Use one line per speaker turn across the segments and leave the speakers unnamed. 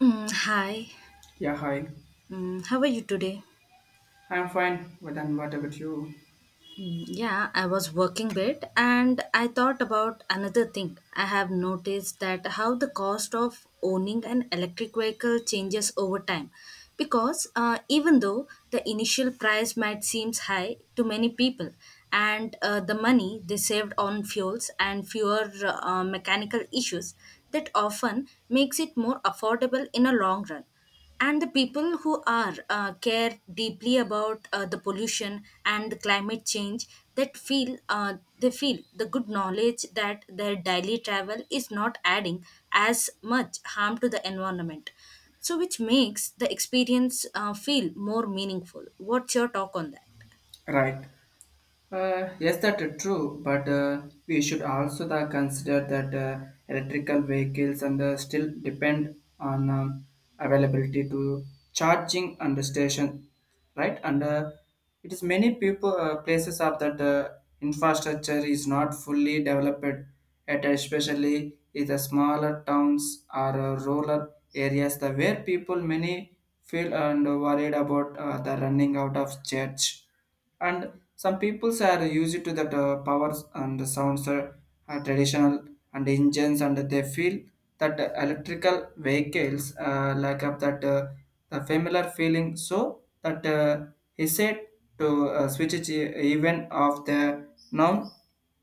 Hi.
Yeah, hi.
How are you today?
I'm fine, but then what about you?
Yeah, I was working bit and I thought about another thing. I have noticed that how the cost of owning an electric vehicle changes over time because even though the initial price might seem high to many people, and the money they saved on fuels and fewer mechanical issues that often makes it more affordable in a long run. And the people who are care deeply about the pollution and the climate change, that feel they feel the good knowledge that their daily travel is not adding as much harm to the environment, so which makes the experience feel more meaningful. What's your talk on that?
Right. Yes, that is true, but we should also the consider that electrical vehicles and still depend on availability to charging and the station, right? And it is many people places are that infrastructure is not fully developed, at especially in the smaller towns or rural areas, the where people many feel and worried about the running out of church, and some peoples are used to that powers and the sounds are traditional and engines, and they feel that the electrical vehicles like up that the familiar feeling so that he said to switch it even of the non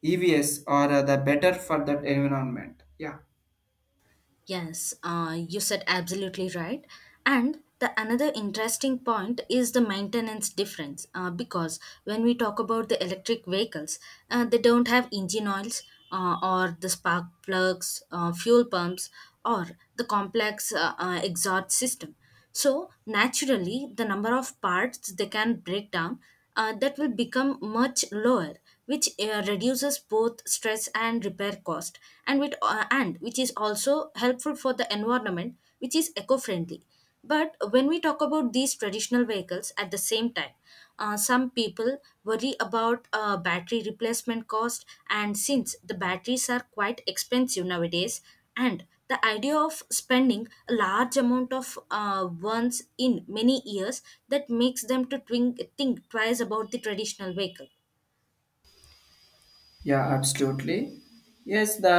evs or the better for that environment. Yeah.
Yes, you said absolutely right. And the another interesting point is the maintenance difference because when we talk about the electric vehicles, they don't have engine oils or the spark plugs, fuel pumps, or the complex exhaust system. So naturally, the number of parts they can break down that will become much lower, which reduces both stress and repair cost, and with and which is also helpful for the environment, which is eco-friendly. But when we talk about these traditional vehicles at the same time. Some people worry about battery replacement cost, and since the batteries are quite expensive nowadays, and the idea of spending a large amount of ones in many years that makes them to think twice about the traditional vehicle.
Yeah, absolutely. Yes, the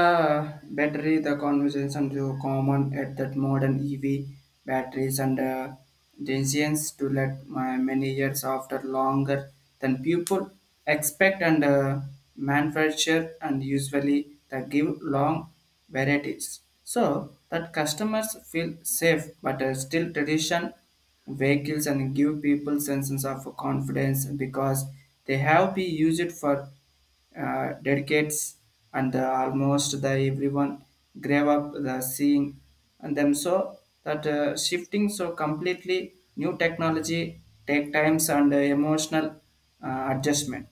battery, the conversation to common at that modern EV batteries and decisions to let my many years after longer than people expect and manufacture and usually they give long varieties. So that customers feel safe, but still tradition vehicles and give people senses of confidence because they have been used for dedicates and almost the everyone grave up the seeing and them, so that shifting so completely new technology take times and emotional adjustment.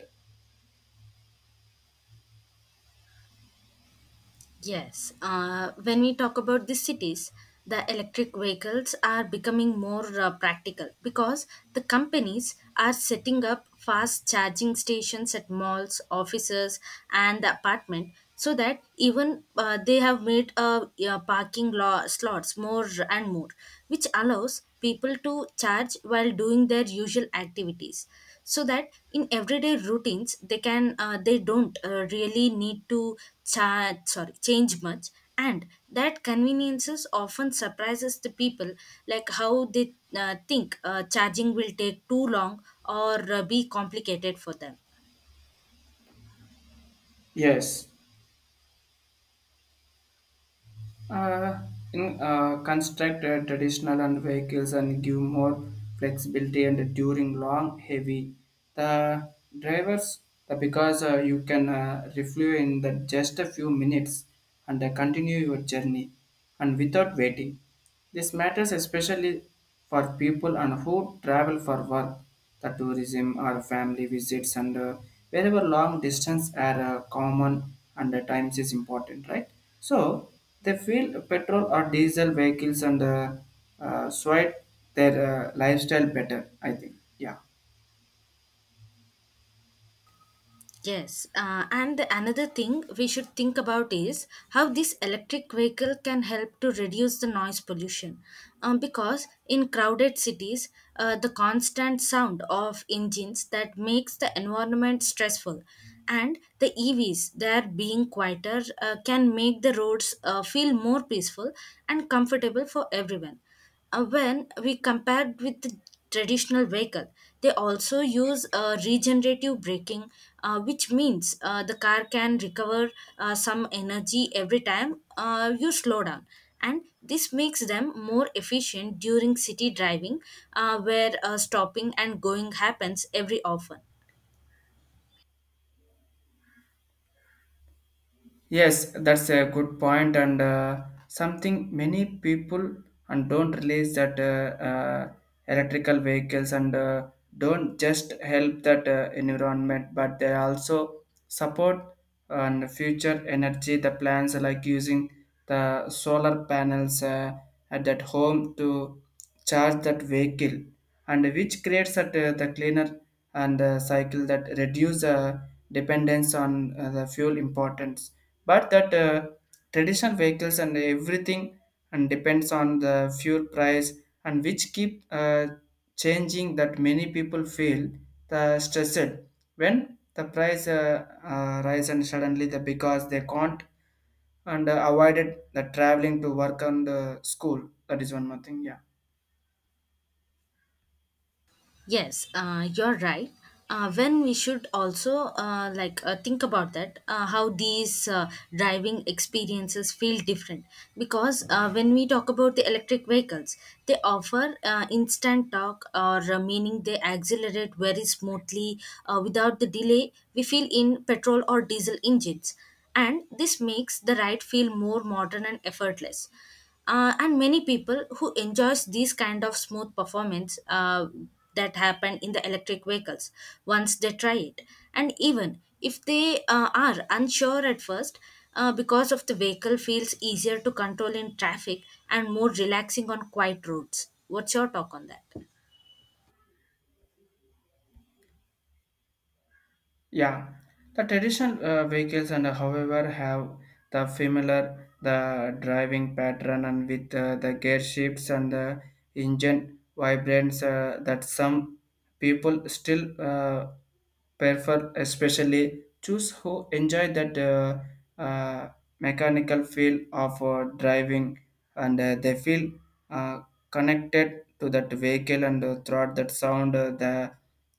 Yes, when we talk about the cities, the electric vehicles are becoming more practical because the companies are setting up fast charging stations at malls, offices, and the apartment, so that even they have made parking law slots more and more, which allows people to charge while doing their usual activities, so that in everyday routines they don't really need to charge sorry change much. And that conveniences often surprises the people, like how they think charging will take too long or be complicated for them.
Yes. Uh, in, construct traditional and vehicles and give more flexibility and during long heavy the drivers the, because you can refuel in the just a few minutes and continue your journey and without waiting. This matters especially for people and who travel for work, the tourism or family visits and wherever long distance are common, and the times is important, right? So they feel petrol or diesel vehicles and sweat their lifestyle better, I think. Yeah.
Yes, and the another thing we should think about is how this electric vehicle can help to reduce the noise pollution. Because in crowded cities, the constant sound of engines that makes the environment stressful, and the EVs that being quieter can make the roads feel more peaceful and comfortable for everyone when we compared with the traditional vehicle, they also use regenerative braking, which means the car can recover some energy every time you slow down. And this makes them more efficient during city driving, where stopping and going happens every often.
Yes, that's a good point, and something many people and don't realize that electrical vehicles and don't just help that environment, but they also support and future energy. The plans like using the solar panels at that home to charge that vehicle, and which creates that the cleaner and cycle that reduce dependence on the fuel importance, but that traditional vehicles and everything and depends on the fuel price and which keep changing that many people feel the stressed when the price rise and suddenly the because they can't and avoided the traveling to work and school. That is one more thing. Yeah.
Yes, you're right. When we should also think about that how these driving experiences feel different because when we talk about the electric vehicles, they offer instant torque or meaning they accelerate very smoothly without the delay we feel in petrol or diesel engines, and this makes the ride feel more modern and effortless, and many people who enjoys these kind of smooth performance that happen in the electric vehicles once they try it, and even if they are unsure at first because of the vehicle feels easier to control in traffic and more relaxing on quiet roads. What's your talk on that?
Yeah, the traditional vehicles and however have the familiar the driving pattern and with the gear shifts and the engine vibrates that some people still prefer especially choose who enjoy that uh, mechanical feel of driving, and they feel uh, connected to that vehicle and throughout that sound the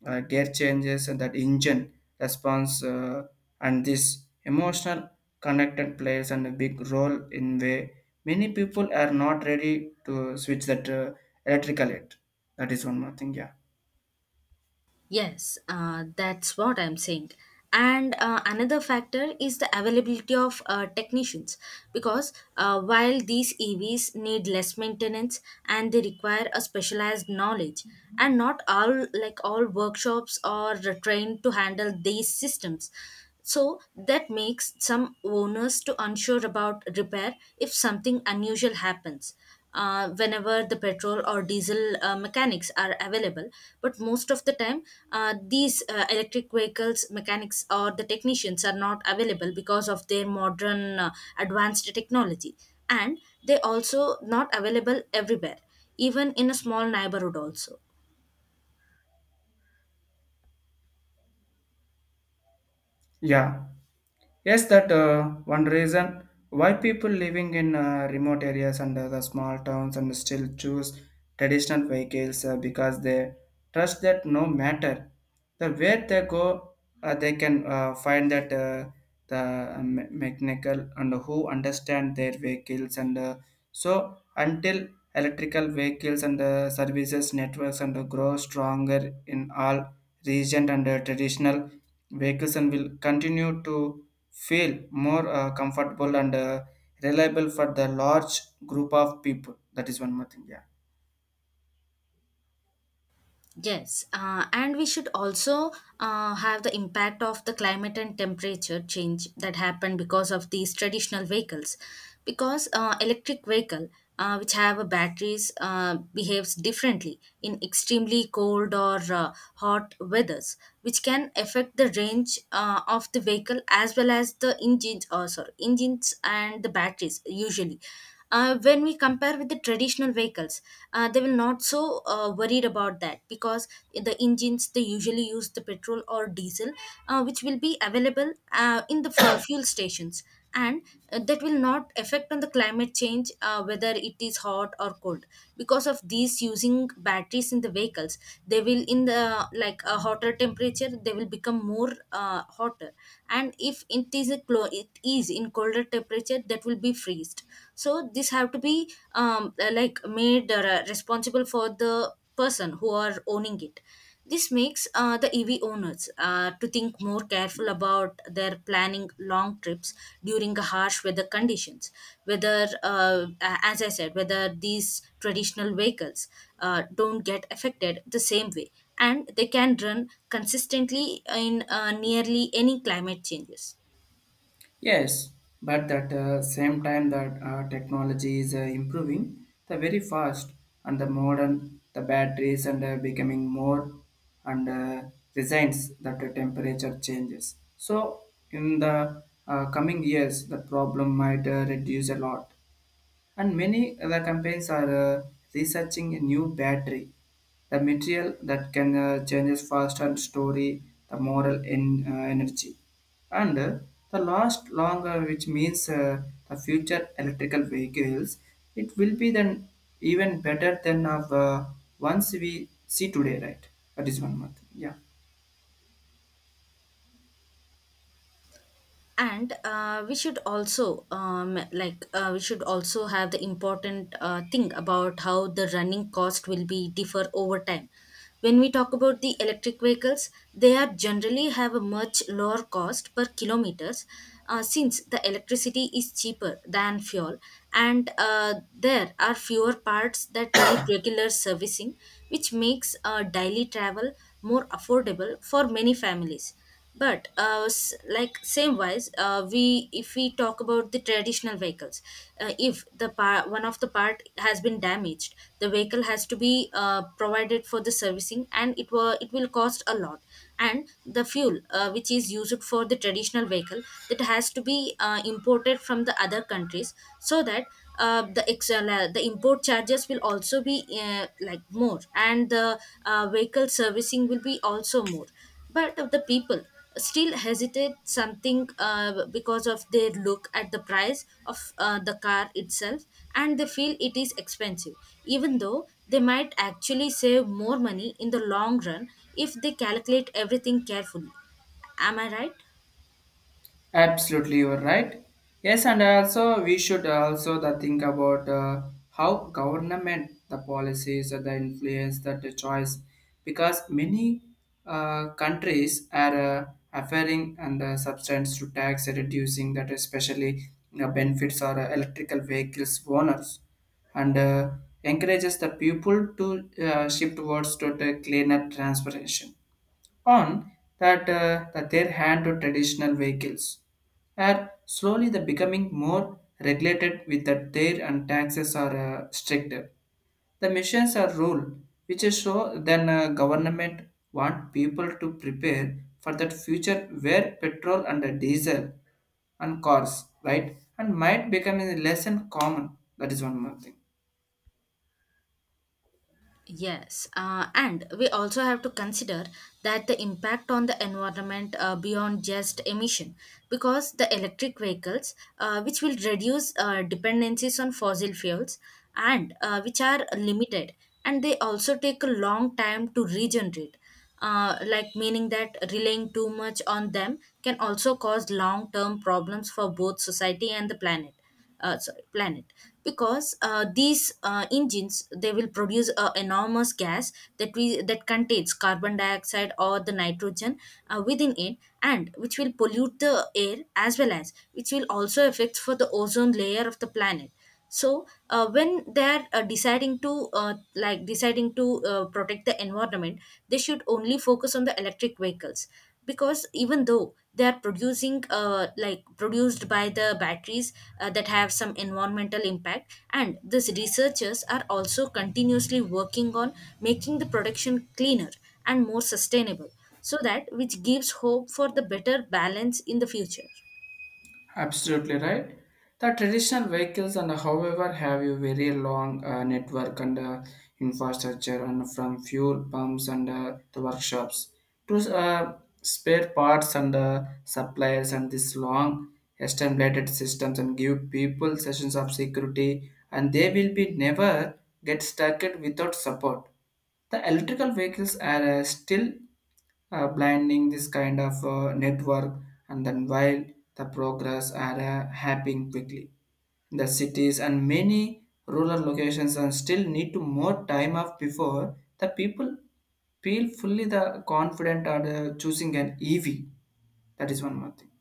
gear changes and that engine response and this emotional connected plays a big role in way many people are not ready to switch that electrical yet. That is one more thing. Yeah.
Yes, that's what I'm saying. And another factor is the availability of technicians, because while these EVs need less maintenance and they require a specialized knowledge, and not all like all workshops are trained to handle these systems. So that makes some owners to unsure about repair if something unusual happens. Whenever the petrol or diesel mechanics are available, but most of the time, these electric vehicles mechanics or the technicians are not available because of their modern advanced technology, and they also not available everywhere, even in a small neighborhood also.
Yeah. Yes, that one reason why people living in remote areas and the small towns and still choose traditional vehicles because they trust that no matter the where they go, they can find that the mechanical and who understand their vehicles and so until electrical vehicles and services networks and grow stronger in all region and traditional vehicles and will continue to feel more comfortable and reliable for the large group of people. That is one more thing. Yeah.
Yes, and we should also have the impact of the climate and temperature change that happened because of these traditional vehicles. Because electric vehicle, which have a batteries, behaves differently in extremely cold or hot weathers, which can affect the range of the vehicle as well as the engines. Engines and the batteries usually when we compare with the traditional vehicles, they will not so worried about that because the engines they usually use the petrol or diesel which will be available in the fuel stations, and that will not affect on the climate change whether it is hot or cold. Because of these using batteries in the vehicles, they will in the like a hotter temperature they will become more hotter, and if it is in colder temperature that will be freezed. So this have to be made responsible for the person who are owning it. This makes the EV owners to think more careful about their planning long trips during harsh weather conditions, whether as I said, whether these traditional vehicles don't get affected the same way and they can run consistently in nearly any climate changes.
Yes, but that same time that technology is improving, the very fast, and the modern, the batteries and becoming more and resigns that the temperature changes. So in the coming years, the problem might reduce a lot. And many other companies are uh, researching a new battery, the material that can changes fast and story the moral in energy, and the last longer, which means the future electrical vehicles. It will be then even better than of once we see today, right? That is one month. Yeah.
And we should also have the important thing about how the running cost will be differ over time. When we talk about the electric vehicles, they are generally have a much lower cost per kilometers, since the electricity is cheaper than fuel, and there are fewer parts that need regular servicing, which makes daily travel more affordable for many families. But same wise, we if we talk about the traditional vehicles, if the part one of the part has been damaged, the vehicle has to be provided for the servicing and it will cost a lot. And the fuel which is used for the traditional vehicle, that has to be imported from the other countries, so that the import charges will also be more, and the vehicle servicing will be also more. But of the people still hesitate something because of their look at the price of the car itself and they feel it is expensive, even though they might actually save more money in the long run if they calculate everything carefully. Am I right?
Absolutely, you are right. Yes, and also we should also the think about how government the policies or the influence that the choice, because many countries are offering and the substance to tax reducing that especially you benefits or electrical vehicles owners and encourages the people to shift towards to the cleaner transportation on that, that their hand to traditional vehicles are slowly the becoming more regulated with that their and taxes are stricter. The missions are rule which is so then government want people to prepare for that future where petrol and diesel and cars right and might become a less and common. That is one more thing.
Yes, and we also have to consider that the impact on the environment beyond just emission, because the electric vehicles, which will reduce dependencies on fossil fuels, and which are limited, and they also take a long time to regenerate, meaning that relying too much on them can also cause long-term problems for both society and the planet. Because these engines they will produce a enormous gas that we that contains carbon dioxide or the nitrogen within it, and which will pollute the air as well as which will also affect for the ozone layer of the planet. So when they're deciding to like deciding to protect the environment, they should only focus on the electric vehicles, because even though they are producing produced by the batteries, that have some environmental impact, and these researchers are also continuously working on making the production cleaner and more sustainable, so that which gives hope for the better balance in the future.
Absolutely right. The traditional vehicles and however have a very long network and infrastructure and from fuel pumps and the workshops to spare parts and suppliers, and this long established systems and give people sessions of security, and they will be never get stuck it without support. The electrical vehicles are still blinding this kind of network, and then while the progress are happening quickly the cities and many rural locations and still need to more time off before the people feel fully the confident are choosing an ev. That is one more thing.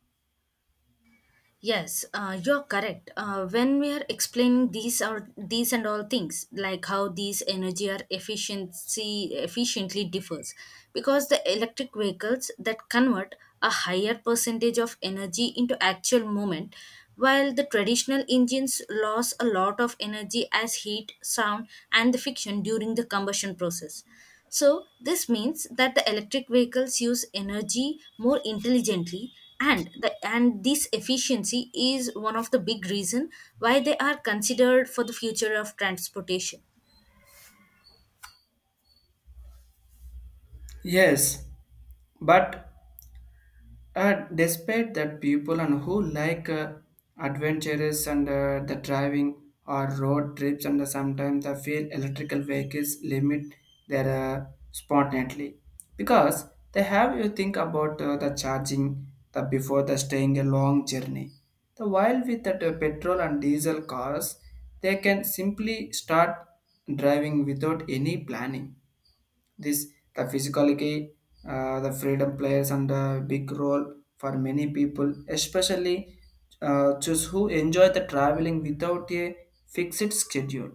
Yes, you're correct. When we are explaining these or these and all things, like how these energy or efficiency efficiently differs, because the electric vehicles that convert a higher percentage of energy into actual moment, while the traditional engines lose a lot of energy as heat, sound, and the friction during the combustion process. So, this means that the electric vehicles use energy more intelligently and and this efficiency is one of the big reason why they are considered for the future of transportation.
Yes, but despite that, people and who like adventures and the driving or road trips, and sometimes they feel electrical vehicles limit their spontaneity because they have you think about the charging the before the staying a long journey. The while with that petrol and diesel cars, they can simply start driving without any planning. This the physicality, the freedom plays and a big role for many people, especially those who enjoy the traveling without a fixed schedule.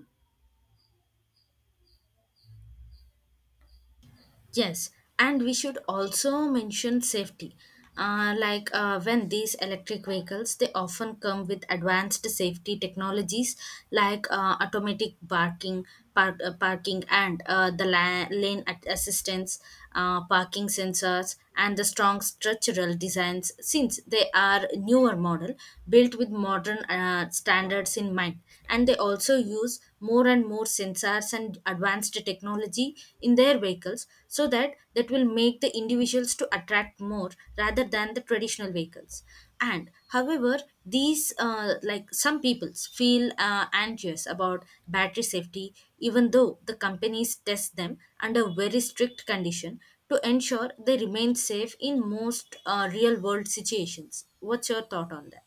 Yes, and we should also mention safety. When these electric vehicles, they often come with advanced safety technologies like automatic parking, parking, and lane assistance, parking sensors, and the strong structural designs. Since they are newer model built with modern standards in mind, and they also use more and more sensors and advanced technology in their vehicles so that will make the individuals to attract more rather than the traditional vehicles and however these like some peoples feel anxious about battery safety even though the companies test them under very strict condition to ensure they remain safe in most real world situations. What's your thought on that?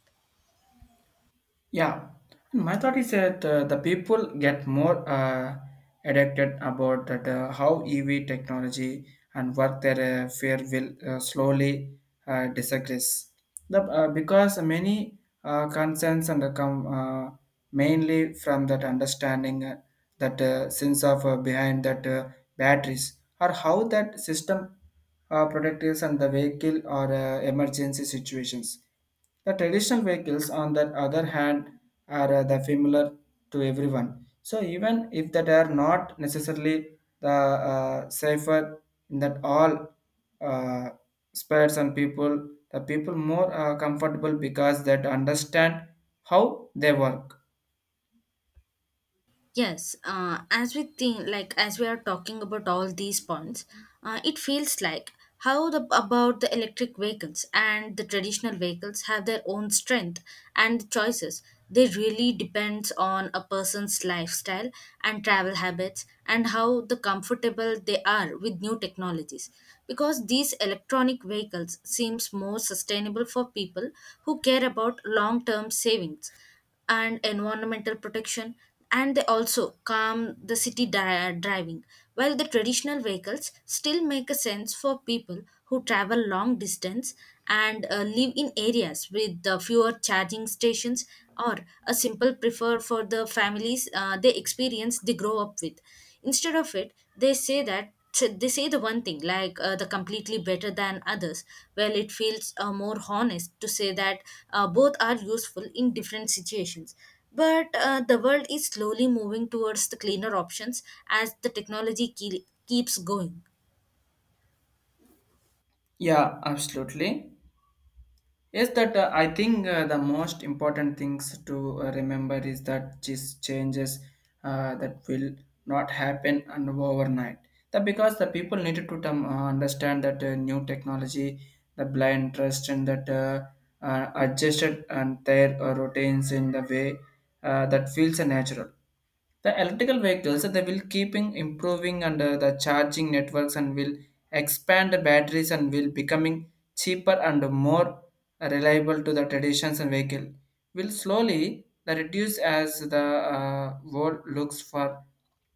Yeah, my thought is that the people get more addicted about that how EV technology and work their fear will slowly disagress. Because many concerns and come mainly from that understanding that sense of behind that batteries or how that system protectors and the vehicle or emergency situations. The traditional vehicles, on the other hand, are the familiar to everyone. So even if that are not necessarily the safer in that all uh, spares and people, the people more comfortable because that understand how they work.
Yes, as we think, like as we are talking about all these points, it feels like how the about the electric vehicles and the traditional vehicles have their own strength and choices. They really depends on a person's lifestyle and travel habits and how the comfortable they are with new technologies. Because these electronic vehicles seems more sustainable for people who care about long-term savings and environmental protection, and they also calm the city driving, while the traditional vehicles still make a sense for people who travel long distance and live in areas with the fewer charging stations or a simple prefer for the families they experience they grow up with. Instead of it they say that they say the one thing like the completely better than others, well it feels more honest to say that both are useful in different situations, but the world is slowly moving towards the cleaner options as the technology keeps going.
Yeah, absolutely. Yes, that I think the most important things to remember is that these changes that will not happen and overnight. That because the people needed to understand that new technology the blind trust and that adjusted and their routines in the way that feels natural. The electrical vehicles they will keeping improving and the charging networks and will expand the batteries and will becoming cheaper and more reliable to the traditions and vehicle will slowly the reduce as the world looks for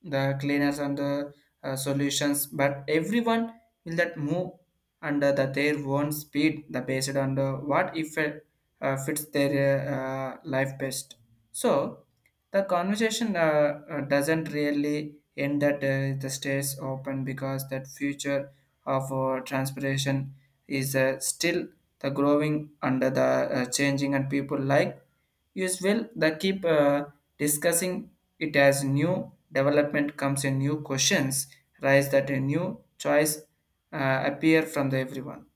the cleaners and the solutions, but everyone will that move under the, their own speed the based on the, what if it fits their life best. So the conversation doesn't really end at the stays open because that future of transportation is still the growing under the changing, and people like use will the keep discussing it as new development comes in new questions rise that a new choice appear from the everyone.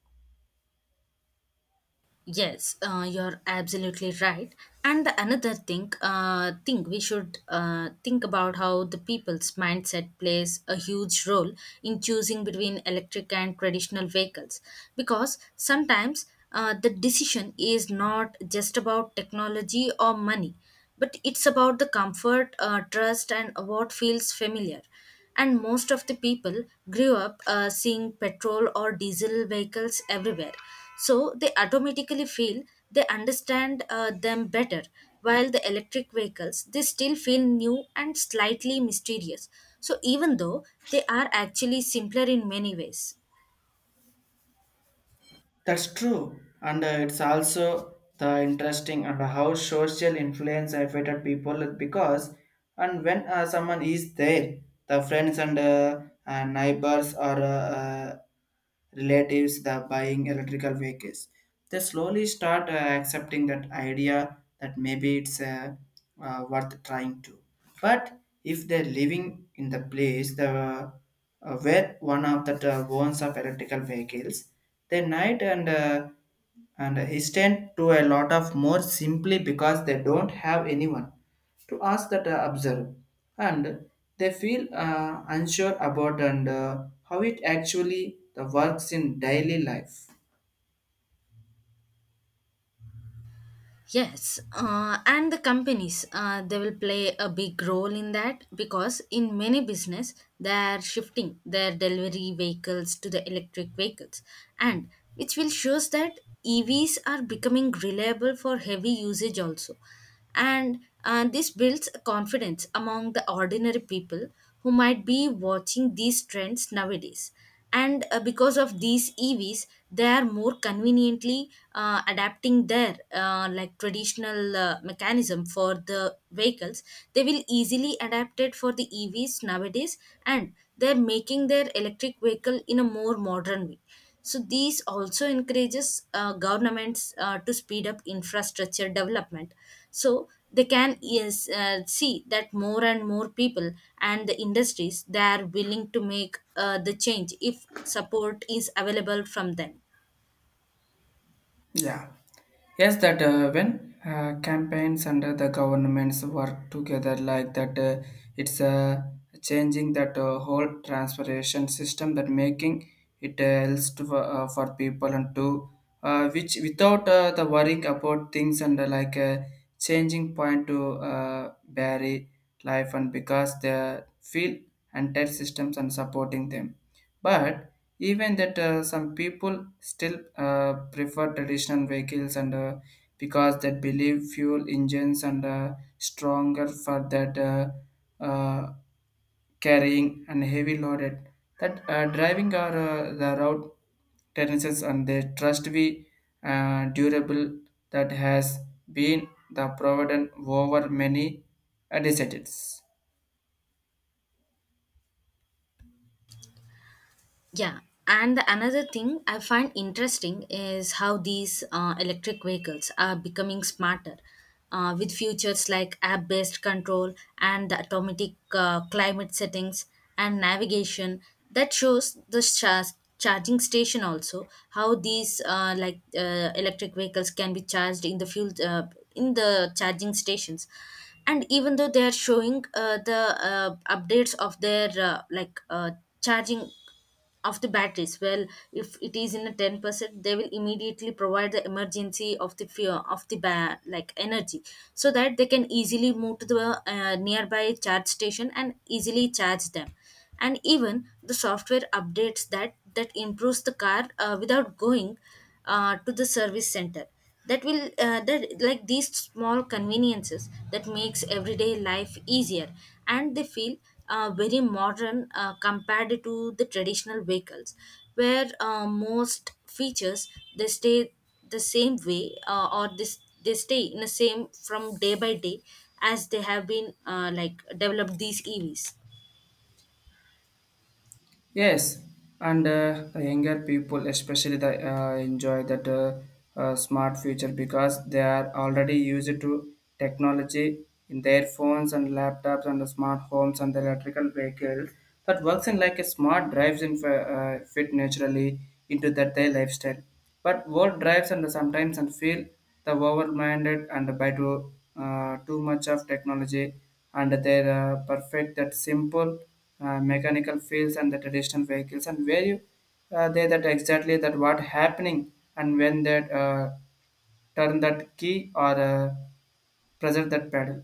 Yes, you're absolutely right. And the another thing, thing we should think about how the people's mindset plays a huge role in choosing between electric and traditional vehicles, because sometimes the decision is not just about technology or money, but it's about the comfort, trust, and what feels familiar. And most of the people grew up seeing petrol or diesel vehicles everywhere, so they automatically feel they understand them better, while the electric vehicles they still feel new and slightly mysterious. So even though they are actually simpler in many ways.
That's true. And it's also the interesting and how social influence affected people, because and when someone is there, the friends and neighbors or relatives the buying electrical vehicles, they slowly start accepting that idea that maybe it's worth trying to. But if they're living in the place where one of the owns of electrical vehicles, they night and he stand to a lot of more simply because they don't have anyone to ask that observe, and they feel unsure about and how it actually the works in daily life.
Yes, and the companies they will play a big role in that because in many business they are shifting their delivery vehicles to the electric vehicles, and which will shows that EVs are becoming reliable for heavy usage also. And this builds confidence among the ordinary people who might be watching these trends nowadays. And because of these evs, they are more conveniently adapting their like traditional mechanism for the vehicles. They will easily adapt it for the evs nowadays, and they're making their electric vehicle in a more modern way. So these also encourages governments to speed up infrastructure development, so they can yes, see that more and more people and the industries they are willing to make the change if support is available from them.
Yeah. Yes, that when campaigns under the governments work together like that, it's changing that whole transportation system that making it else to, for people and to which without the worrying about things and changing point to vary life and because they feel entire systems and supporting them, but even that some people still prefer traditional vehicles and because they believe fuel engines and stronger for that uh, carrying and heavy loaded that driving our the route tendencies and they trust be durable that has been the provident over many decades.
Yeah, and another thing I find interesting is how these electric vehicles are becoming smarter with features like app based control and the automatic climate settings and navigation, that shows the charging station. Also how these like electric vehicles can be charged in the fuel in the charging stations. And even though they are showing the updates of their like charging of the batteries well, if it is in a 10% they will immediately provide the emergency of the fear of the like energy, so that they can easily move to the nearby charge station and easily charge them. And even the software updates that improves the car without going to the service center, that will that like these small conveniences that makes everyday life easier. And they feel very modern compared to the traditional vehicles, where most features they stay the same way or this they stay in the same from day by day as they have been like developed these evs.
Yes, and the younger people especially they enjoy that smart future because they are already used to technology in their phones and laptops and the smart homes and the electrical vehicles that works in like a smart drives in fit naturally into that their lifestyle. But world drives and sometimes and feel the overminded and by to, too much of technology and they perfect that simple mechanical fields and the traditional vehicles and where you they that exactly that what happening and when they turn that key or pressure that pedal.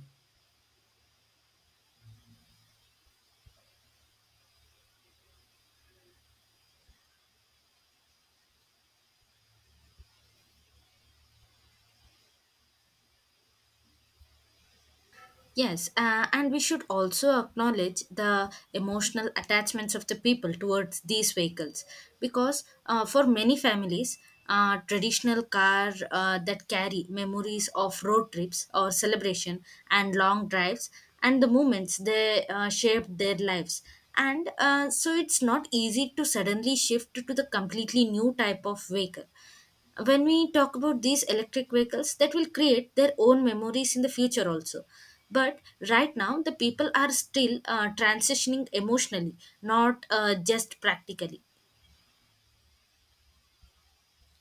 Yes, and we should also acknowledge the emotional attachments of the people towards these vehicles, because for many families, traditional car that carry memories of road trips or celebration and long drives and the moments they shaped their lives. And so it's not easy to suddenly shift to the completely new type of vehicle. When we talk about these electric vehicles that will create their own memories in the future also, but right now the people are still transitioning emotionally, not just practically.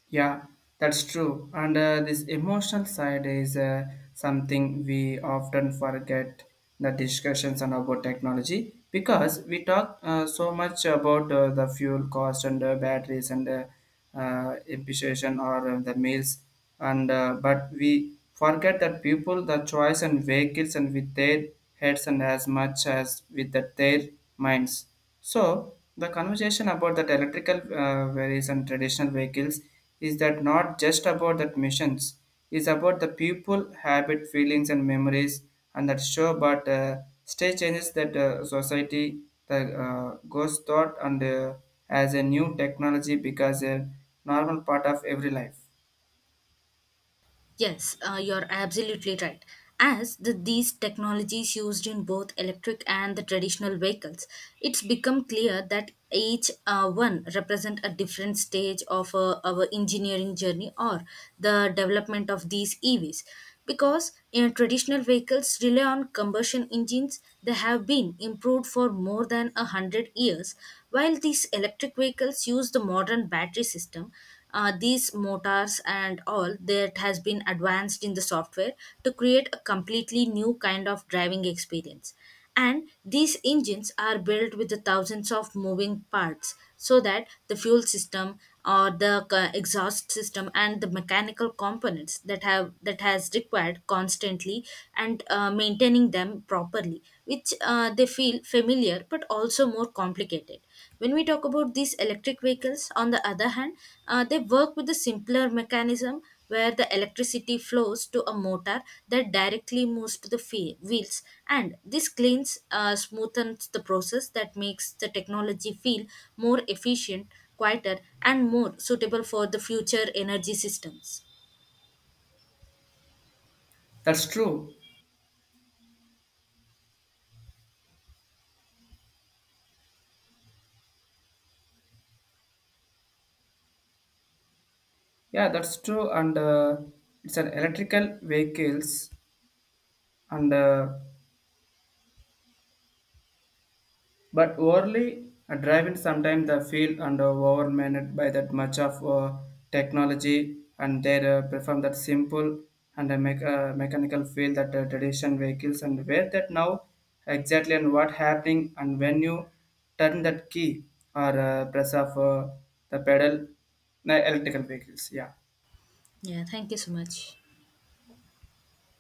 Yeah, that's true. And this emotional side is something we often forget the discussions and about technology, because we talk so much about the fuel cost and batteries and imputation or the meals and but we forget that people the choice and vehicles and with their heads and as much as with the, their minds. So the conversation about that electrical various and traditional vehicles is that not just about that missions is about the people habit feelings and memories and that show, but state changes that society the goes thought and as a new technology because a normal part of every life.
Yes, you're absolutely right. As the, these technologies used in both electric and the traditional vehicles, it's become clear that each one represent a different stage of our engineering journey or the development of these EVs. Because in traditional vehicles rely on combustion engines, they have been improved for more than a 100 years, while these electric vehicles use the modern battery system, these motors and all that has been advanced in the software to create a completely new kind of driving experience. And these engines are built with the thousands of moving parts, so that the fuel system or the exhaust system and the mechanical components that have that has required constantly and maintaining them properly, which they feel familiar but also more complicated. When we talk about these electric vehicles, on the other hand, they work with a simpler mechanism where the electricity flows to a motor that directly moves to the wheels, and this cleans, smoothens the process that makes the technology feel more efficient, quieter, and more suitable for the future energy systems.
That's true. Yeah, that's true. And it's an electrical vehicles and but overly driven sometimes they feel under overwhelmed by that much of technology, and they prefer that simple and mechanical feel that tradition vehicles and where that now exactly and what happening and when you turn that key or press of the pedal the electrical vehicles. Yeah.
Yeah, thank you so much.